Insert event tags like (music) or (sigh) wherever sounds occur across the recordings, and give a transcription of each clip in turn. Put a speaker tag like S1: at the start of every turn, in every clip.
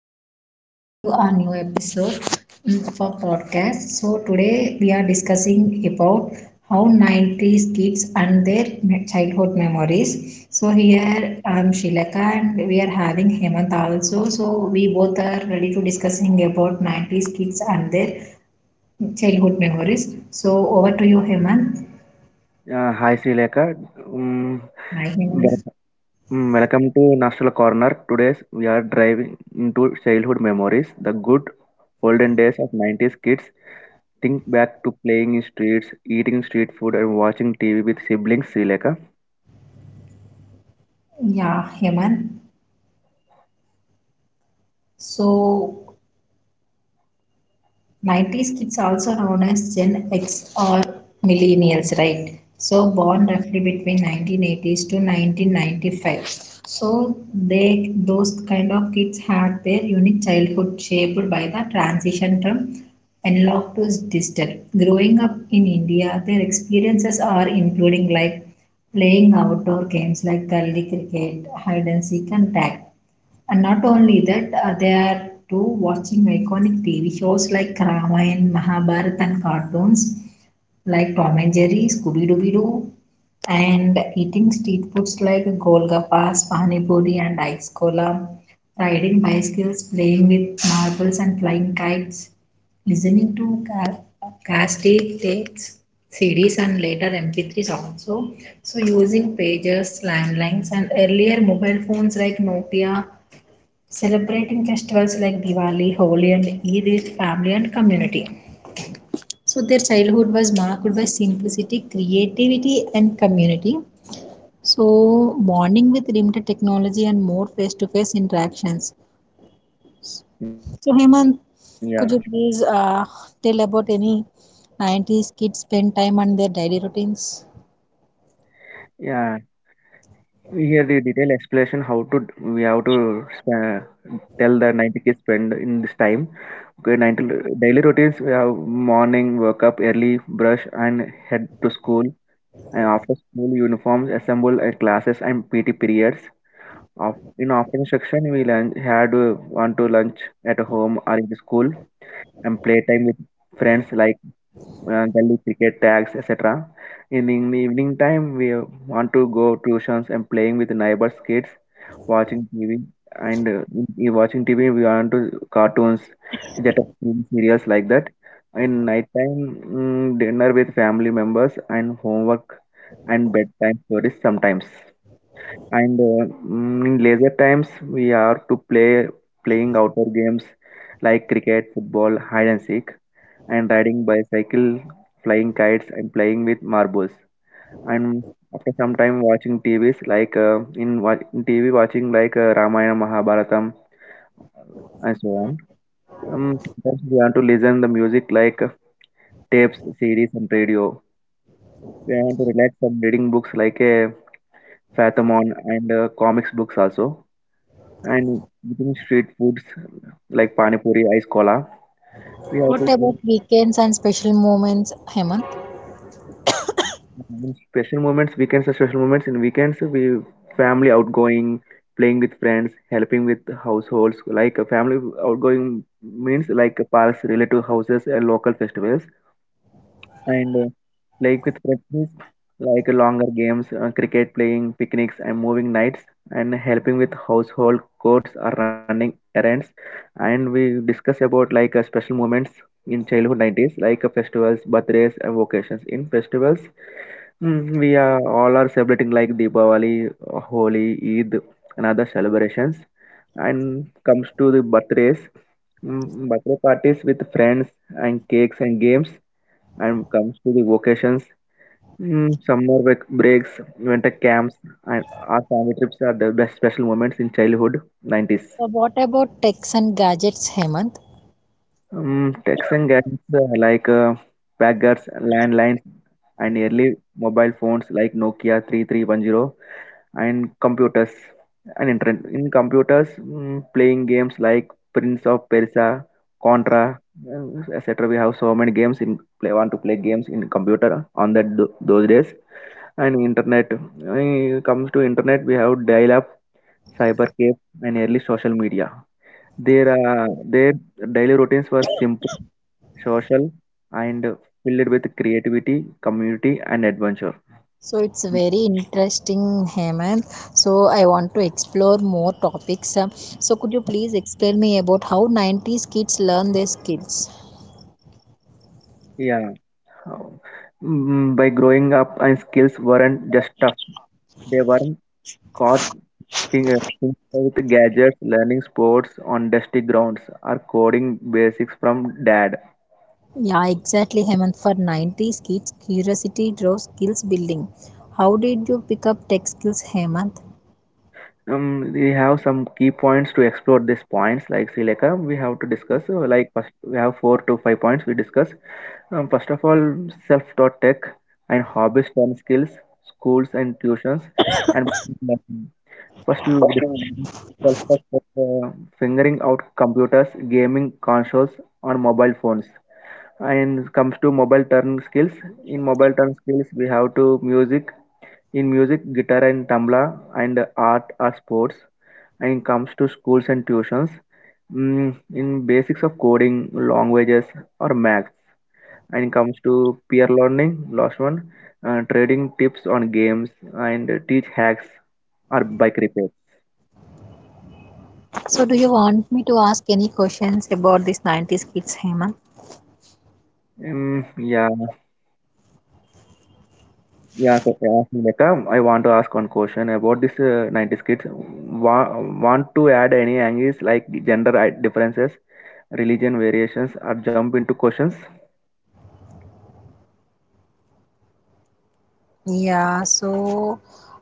S1: everyone. Welcome back to our new episode for podcast. So today we are discussing about how 90s kids and their childhood memories. So here I'm Shilaka and we are having Hemant also. So we both are ready to discussing about 90s kids and their childhood memories. So over to you, Hemant.
S2: Hi Srilekha. um,
S1: Hi, Hemant.
S2: wel- Welcome to Nostal Corner. Today we are driving into childhood memories, the good olden days of 90s kids. Think back to playing in streets, eating street food and watching TV with siblings Srilekha.
S1: Yeah, Hemant. So 90s kids also known as Gen X or millennials, right? So born roughly between 1980s to 1995. So they those kind of kids had their unique childhood shaped by the transition from analog to digital. Growing up in India, their experiences are including like playing outdoor games like gully cricket, hide and seek, and tag, and not only that, they are too watching iconic TV shows like Ramayana, Mahabharata, and cartoons like Tom and Jerry, Scooby Dooby Doo, and eating street foods like Golgappas, Pani Puri, and Ice Cola, riding bicycles, playing with marbles, and flying kites, listening to cassette tapes, CDs, and later MP3s also. So using pages, landlines, and earlier mobile phones like Nokia. Celebrating festivals like Diwali, Holi, and Eid with family and community. So their childhood was marked by simplicity, creativity, and community. So, bonding with limited technology and more face to face interactions.
S2: Yeah,
S1: So, Hemant, could you please tell about any 90s kids spend time on their daily routines?
S2: yeah. Here the detailed explanation how to we have to sp- tell the 90 kids spend in this time. Okay, 90 daily routines we have morning, wake up early, brush and head to school. And after school uniforms assembled at classes and PT periods. Of, in afternoon section, we lunch, had one to lunch at home or in the school and playtime with friends like gully cricket, tags, etc. In the evening time, we want to go tuitions and playing with neighbors' kids, watching TV. And in watching TV, we want to cartoons, jet serials like that. In night time, dinner with family members and homework and bedtime stories sometimes. And in leisure times, we are to playing outdoor games like cricket, football, hide and seek, and riding bicycle, flying kites, and playing with marbles. And after some time, watching TVs like in TV, watching like Ramayana, Mahabharatam, and so on. Sometimes we want to listen the music like tapes, series, and radio. We want to relax some reading books like a Fathomon and comics books also. And eating street foods like pani puri, ice cola. We have
S1: What
S2: to
S1: about
S2: go
S1: weekends and special moments, Hemant?
S2: on special moments, weekends are special moments. In weekends, we family outgoing, playing with friends, helping with households. Like a family outgoing means like parks, relative houses, and local festivals. And like with friends, like longer games, cricket playing, picnics, and moving nights, and helping with household chores or running errands and we discuss about like special moments in childhood 90s like festivals, birthdays and vacations. In festivals, we are all are celebrating like Diwali, Holi, Eid and other celebrations. And comes to the birthdays, birthday parties with friends and cakes and games. And comes to the vacations, summer break breaks, winter camps and our family trips are the best special moments in childhood 90s.
S1: What about techs and gadgets, Hemant?
S2: Texting gadgets packers, landlines, and early mobile phones like Nokia 3310 and computers and internet. In computers, playing games like Prince of Persia, Contra, etc. We have so many games in play want to play games in computer on those days. And internet, when it comes to internet, we have dial-up, cyber cafe, and early social media. Their daily routines were simple, social and filled with creativity, community, and adventure.
S1: So it's very interesting, Hemant. So I want to explore more topics. So could you please explain me about how 90s kids learn their skills?
S2: Yeah. By growing up, and skills weren't just stuff; they weren't caught things with gadgets, learning sports on dusty grounds, or coding basics from dad.
S1: Yeah, exactly, Hemant. For 90s kids, curiosity draws skills building. How did you pick up tech skills, Hemant?
S2: We have some key points to explore these points, like Sileka, we have to discuss. Like first, we have four to five points we discuss. First of all, self-taught tech and hobbies from skills, schools and tuitions. And first, we will discuss self-taught tech, figuring out computers, gaming consoles on mobile phones. And comes to mobile turn skills. In mobile turn skills, we have to music. In music, guitar and tabla, and art or sports. And comes to schools and tuitions. In basics of coding, languages or math. And comes to peer learning, last one, trading tips on games and teach hacks or bike repairs.
S1: So do you want me to ask any questions about this 90s kids, Hemant?
S2: Yeah, yeah, so ask me Lekha, I want to ask one question about this 90s kids. Wa- want to add any angles like gender differences, religion variations, or jump into questions.
S1: Yeah, so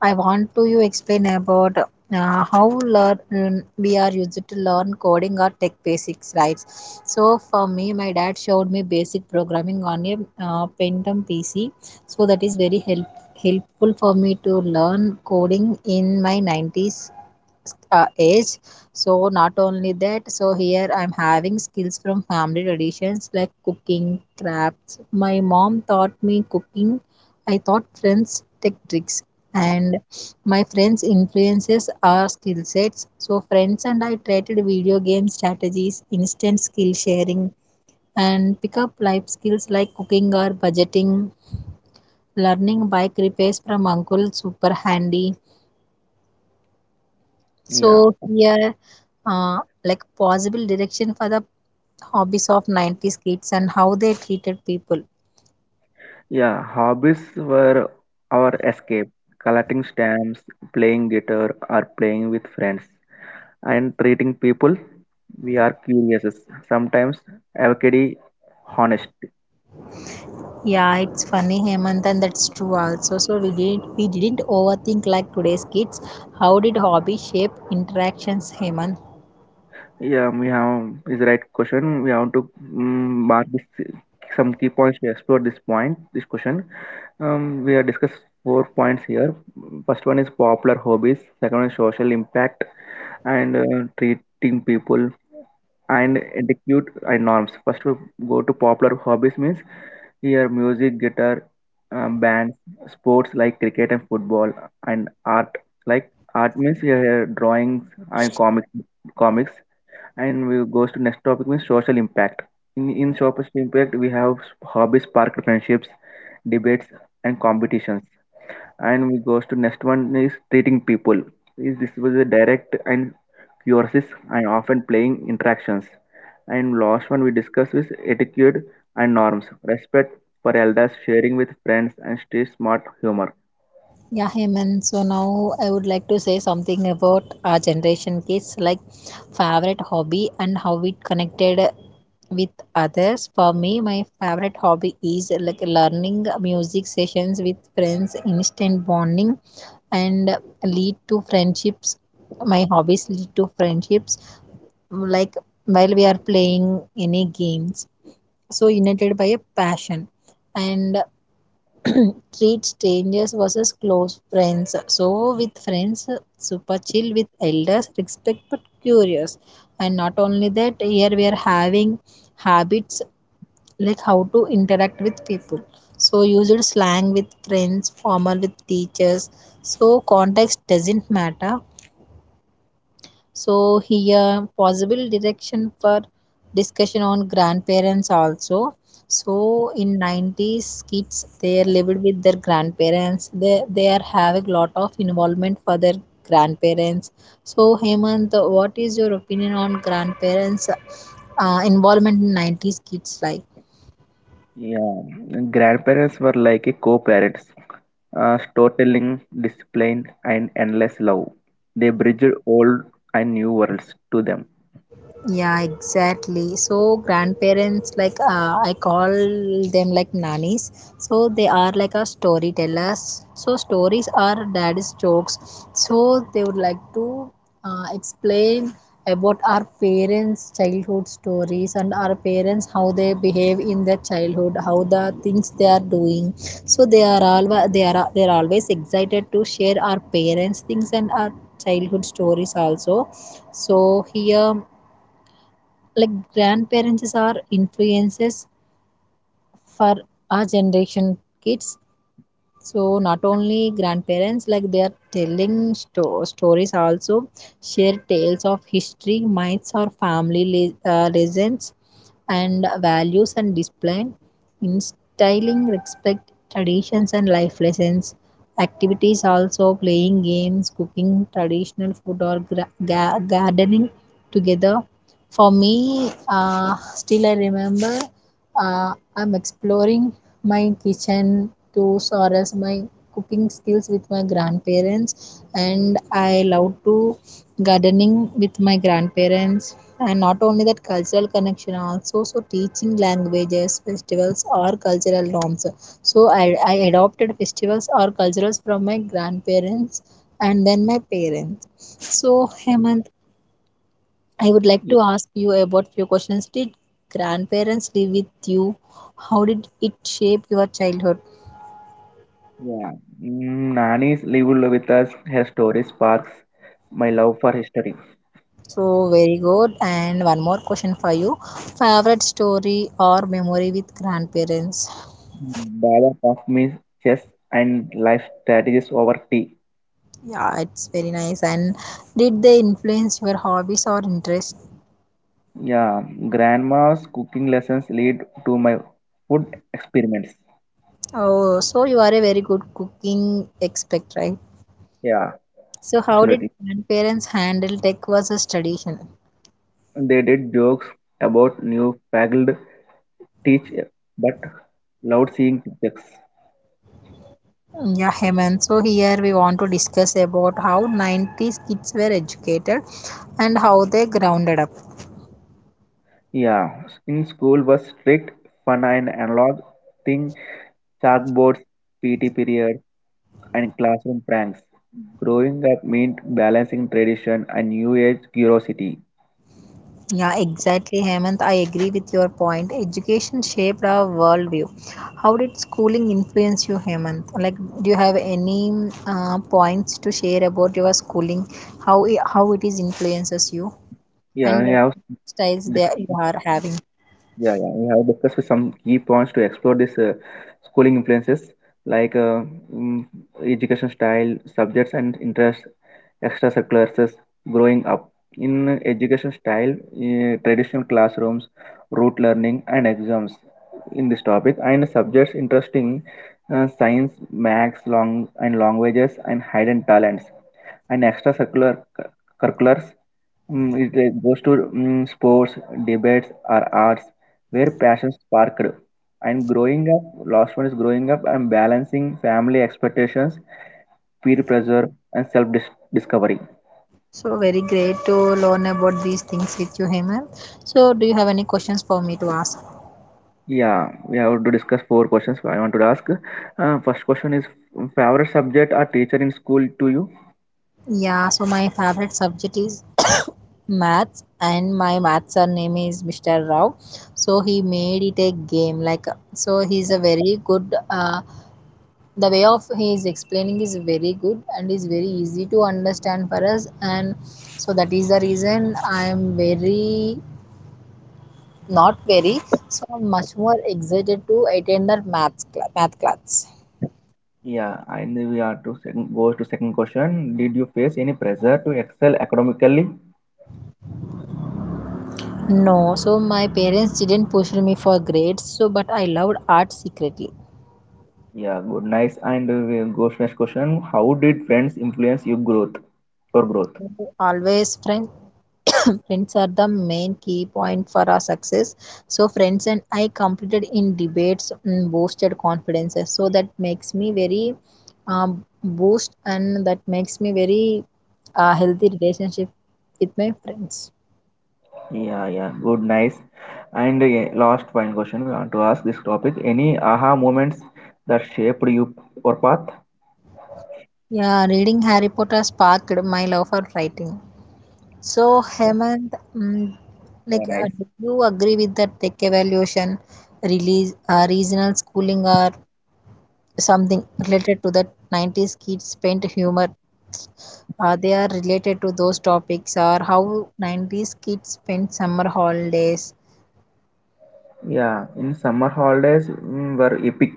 S1: I want to you explain about how learn we are used to learn coding or tech basics, right? So for me, my dad showed me basic programming on a Pentium PC, so that is very helpful for me to learn coding in my 90s age. So not only that. So here I'm having skills from family traditions like cooking, crafts. My mom taught me cooking. I taught friends tech tricks, and my friends influences our skill sets. So friends and I traded video game strategies, instant skill sharing, and pick up life skills like cooking or budgeting, learning bike repairs from uncle super handy.
S2: Yeah,
S1: So here, uh, like possible direction for the hobbies of 90s kids and how they treated people.
S2: yeah, hobbies were our escape, collecting stamps, playing guitar or playing with friends. And treating people, we are curious, sometimes avocado, honest.
S1: Yeah, it's funny, Hemant, and that's true also. So we didn't overthink like today's kids. How did hobby shape interactions, Hemant?
S2: Yeah, we have is the right question, we have to mark this some key points to explore this point this question. We have discussed four points here. First one is popular hobbies, second one is social impact, and treating people and etiquette and norms. First we go to popular hobbies means here, music, guitar, bands, sports like cricket and football, and art. Like art means drawings and comics. And we goes to next topic means social impact. In social impact, we have hobbies, park, friendships, debates, and competitions. And we goes to next one is treating people, is this was a direct and curious and often playing interactions. And last one we discuss is etiquette and norms, respect for elders, sharing with friends and stay smart humor.
S1: Yeah, hey man. So now I would like to say something about our generation kids, like favorite hobby and how it connected with others. For me, my favorite hobby is like learning music sessions with friends, instant bonding, and lead to friendships. My hobbies lead to friendships, like while we are playing any games. So united by a passion, and (clears throat) treat strangers versus close friends. So with friends, super chill; with elders, respect, but curious. And not only that, here we are having habits like how to interact with people. So used slang with friends, formal with teachers, so context doesn't matter. So here, possible direction for discussion on grandparents also. So in 90s kids, they are lived with their grandparents. They are having lot of involvement for their grandparents. So Hemant, what is your opinion on grandparents involvement in 90s kids life?
S2: Yeah, grandparents were like a co-parents, storytelling, discipline and endless love. They bridged old and new worlds to them.
S1: Yeah, exactly. So grandparents, like I call them like nannies. So they are like a storytellers. So stories are dad's jokes. So they would like to explain about our parents' childhood stories, and our parents how they behave in their childhood, how the things they are doing. So they are always excited to share our parents' things and our childhood stories also. So here, like, grandparents are influences for our generation kids. So not only grandparents, like, they are telling stories also, share tales of history, myths, or family legends and values, and display instilling respect, traditions, and life lessons. Activities also, playing games, cooking traditional food, or gardening together. For me, uh, still I remember, uh, I'm exploring my kitchen tools or as my cooking skills with my grandparents, and I love to gardening with my grandparents. And not only that, cultural connection also. So teaching languages, festivals, or cultural norms, so I adopted festivals or cultures from my grandparents and then my parents. So Hemant, I would like to ask you about few questions. Did grandparents live with you? How did it shape your childhood?
S2: Yeah. Nani's lived with us. Her story sparks my love for history.
S1: So very good. And one more question for you. Favorite story or memory with grandparents?
S2: Baba taught me chess and life strategies over tea.
S1: Yeah, it's very nice. And did they influence your hobbies or interests?
S2: Yeah, grandma's cooking lessons lead to my food experiments.
S1: Oh, so you are a very good cooking expert, right?
S2: Yeah,
S1: So how did
S2: absolutely.
S1: grandparents handle tech versus tradition?
S2: They did jokes about new fagged teach, but loved seeing pictures.
S1: Mm, yeah, Hemant. So here we want to discuss about how 90s kids were educated and how they grounded up.
S2: Yeah, in school was strict, fun and analog thing, chalkboards, PT period, and classroom pranks. Growing up meant balancing tradition and new age curiosity.
S1: Yeah, exactly, Hemant. I agree with your point. Education shaped our worldview. How did schooling influence you, Hemant? Like, do you have any points to share about your schooling? How how it is influences you,
S2: Yeah,
S1: and
S2: I
S1: what
S2: have.
S1: styles they you are having?
S2: Yeah, yeah. We have discussed with some key points to explore this schooling influences like mm, education style, subjects and interests, extracurriculars, growing up. In education style, traditional classrooms, rote learning and exams in this topic. And subjects interesting, science, maths, long and languages and hidden talents. And extracurricular curriculars, Mm, it goes to sports, debates, or arts where passion sparked. And growing up, last one is growing up and balancing family expectations, peer pressure, and self discovery.
S1: So very great to learn about these things with you, Hemant. So, do you have any questions for me to ask?
S2: Yeah, we have to discuss four questions. I want to ask. First question is favorite subject or teacher in school to you?
S1: Yeah, so my favorite subject is (coughs) maths, and my maths sir name is Mr. Rao. So he made it a game. Like so, he's a very good. The way of he is explaining is very good and is very easy to understand for us. And so that is the reason I am very not very, so I'm much more excited to attend that math class.
S2: Yeah, and we are to second, goes to second question. Did you face any pressure to excel academically?
S1: No, so my parents didn't push me for grades. So but I loved art secretly
S2: Yeah, good, nice. And we go to next question. How did friends influence your growth? Your growth?
S1: always. Friend (coughs) Friends are the main key point for our success. So friends and I competed in debates, boosted confidences. So that makes me very, um, boost, and that makes me very healthy relationship with my friends.
S2: Yeah, yeah, good, nice. And yeah, last final question. We want to ask this topic. Any aha moments that shaped you or path?
S1: Yeah, reading Harry Potter sparked my love for writing. So Hemant, mm
S2: Yeah,
S1: like,
S2: nice.
S1: do you agree with that tech evaluation release, regional schooling, or something related to the 90s kids spent humor, they are related to those topics, or how 90s kids spent summer holidays?
S2: Yeah, in summer holidays were epic.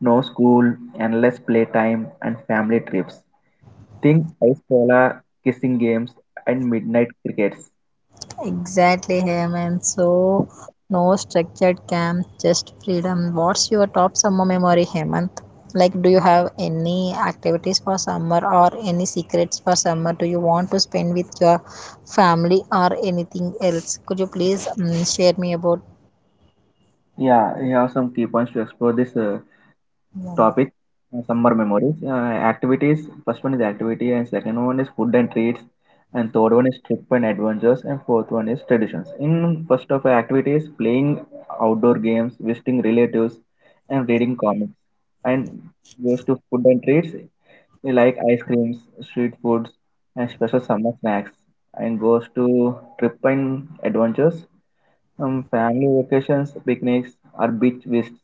S2: No school, endless playtime, and family trips. Think ice cola, kissing games, and midnight crickets.
S1: Exactly, Hemant. So no structured camp, just freedom. What's your top summer memory, Hemant? Like, do you have any activities for summer, or any secrets for summer, do you want to spend with your family or anything else? Could you please share me about?
S2: Yeah, we have some key points to explore this. Topic summer memories, activities. First one is activity and second one is food and treats and third one is trip and adventures and fourth one is traditions. In first of our activities, playing outdoor games, visiting relatives and reading comics. And goes to food and treats, we like ice creams, street foods and special summer snacks. And goes to trip and adventures, family vacations, picnics or beach visits.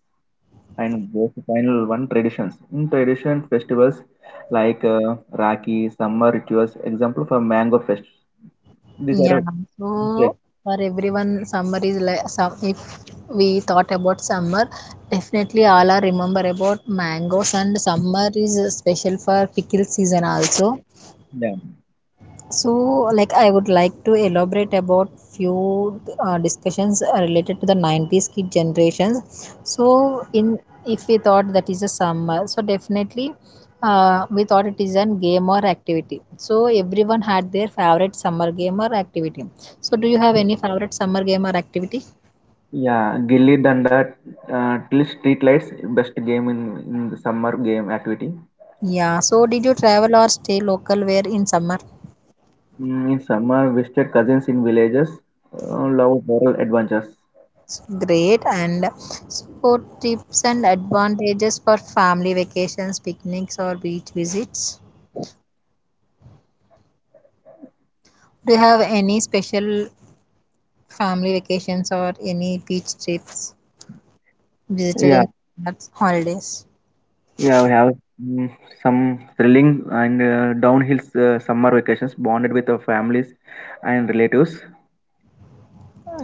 S2: And there's the final one, traditions. In tradition festivals like Rakhi, summer rituals, example for mango fest. These are
S1: Yeah,
S2: a,
S1: so for everyone, summer is like some. If we thought about summer, definitely all are remember about mangoes, and summer is special for pickle season also.
S2: yeah.
S1: So, like, I would like to elaborate about few discussions related to the 90s kid generations. So in, if we thought that is a summer, so definitely, we thought it is an game or activity. So everyone had their favorite summer game or activity. So do you have any favorite summer game or activity?
S2: Yeah, Gilli Danda till street lights, best game in the summer game activity.
S1: Yeah, so did you travel or stay local where in summer?
S2: In summer, visited cousins in villages, love rural adventures.
S1: Great. And so, tips and advantages for family vacations, picnics, or beach visits. Do you have any special family vacations or any beach trips visited
S2: Yeah,
S1: in that holidays?
S2: yeah, we have mm, some thrilling and downhill summer vacations bonded with our families and relatives.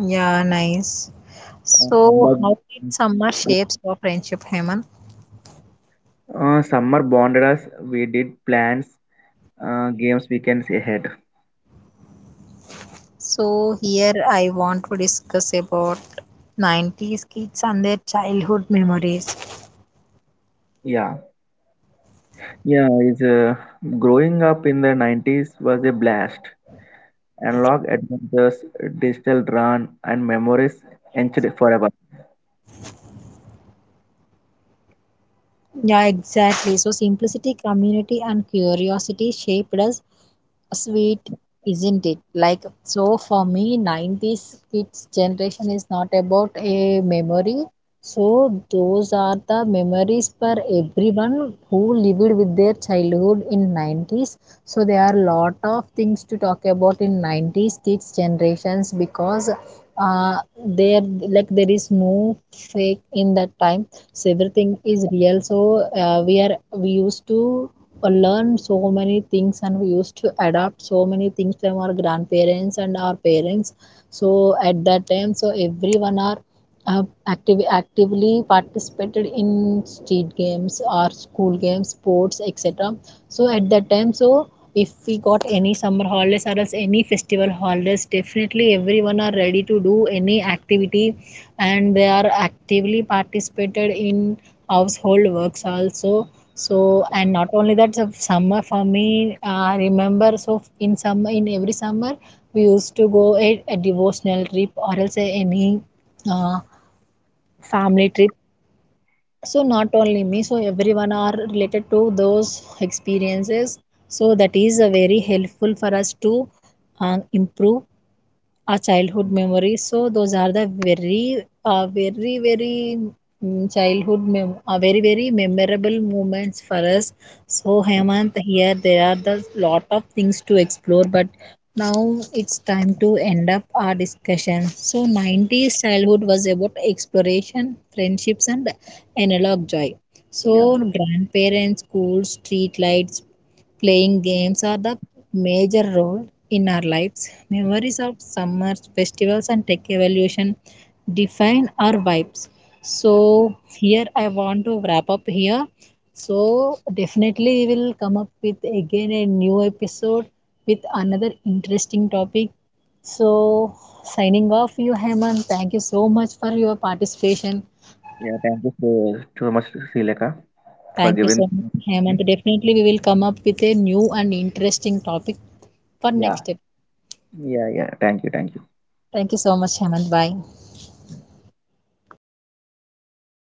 S1: Yeah, nice.
S2: Come
S1: So,
S2: back
S1: how did summer shapes your friendship, Hemant?
S2: Summer bonded us. We did plans, games weekends ahead.
S1: So, here I want to discuss about 90s kids and their childhood memories.
S2: Yeah, yeah. Is Growing up in the 90s was a blast. Analog adventures, digital run, and memories etched forever.
S1: Yeah, exactly. So, simplicity, community, and curiosity shaped us sweet, isn't it? Like, so for me, 90s kids generation is not about a memory. So, those are the memories for everyone who lived with their childhood in 90s. So, there are lot of things to talk about in 90s kids generations because, uh, there, like, there is no fake in that time. So everything is real. So we used to learn so many things, and we used to adopt so many things from our grandparents and our parents. So at that time, so everyone are actively participated in street games or school games, sports, etc. So at that time, so if we got any summer holidays or else any festival holidays, definitely everyone are ready to do any activity, and they are actively participated in household works also. So, and not only that, so summer for me, I remember. So, in summer, in every summer, we used to go a devotional trip or else any uh, family trip. So, not only me, so everyone are related to those experiences. So, that is a very helpful for us to improve our childhood memories. So those are the very, very very, childhood very very memorable moments for us. So Hemant, here there are the lot of things to explore, but now it's time to end up our discussion. So 90s childhood was about exploration, friendships, and analog joy. So
S2: Yeah,
S1: grandparents, schools, street lights, playing games are the major role in our lives. Memories of summers, festivals, and tech evolution define our vibes. So, here I want to wrap up here. So, definitely, we will come up with again a new episode with another interesting topic. So, signing off, you Hemant. Thank you so much for your participation.
S2: yeah. Thank you so, so much, Srileka, for
S1: Thank you
S2: giving.
S1: so much, Hemant. Definitely, we will come up with a new and interesting topic for
S2: Yeah,
S1: next episode.
S2: yeah, yeah. Thank you, thank you.
S1: Thank you so much, Hemant. Bye.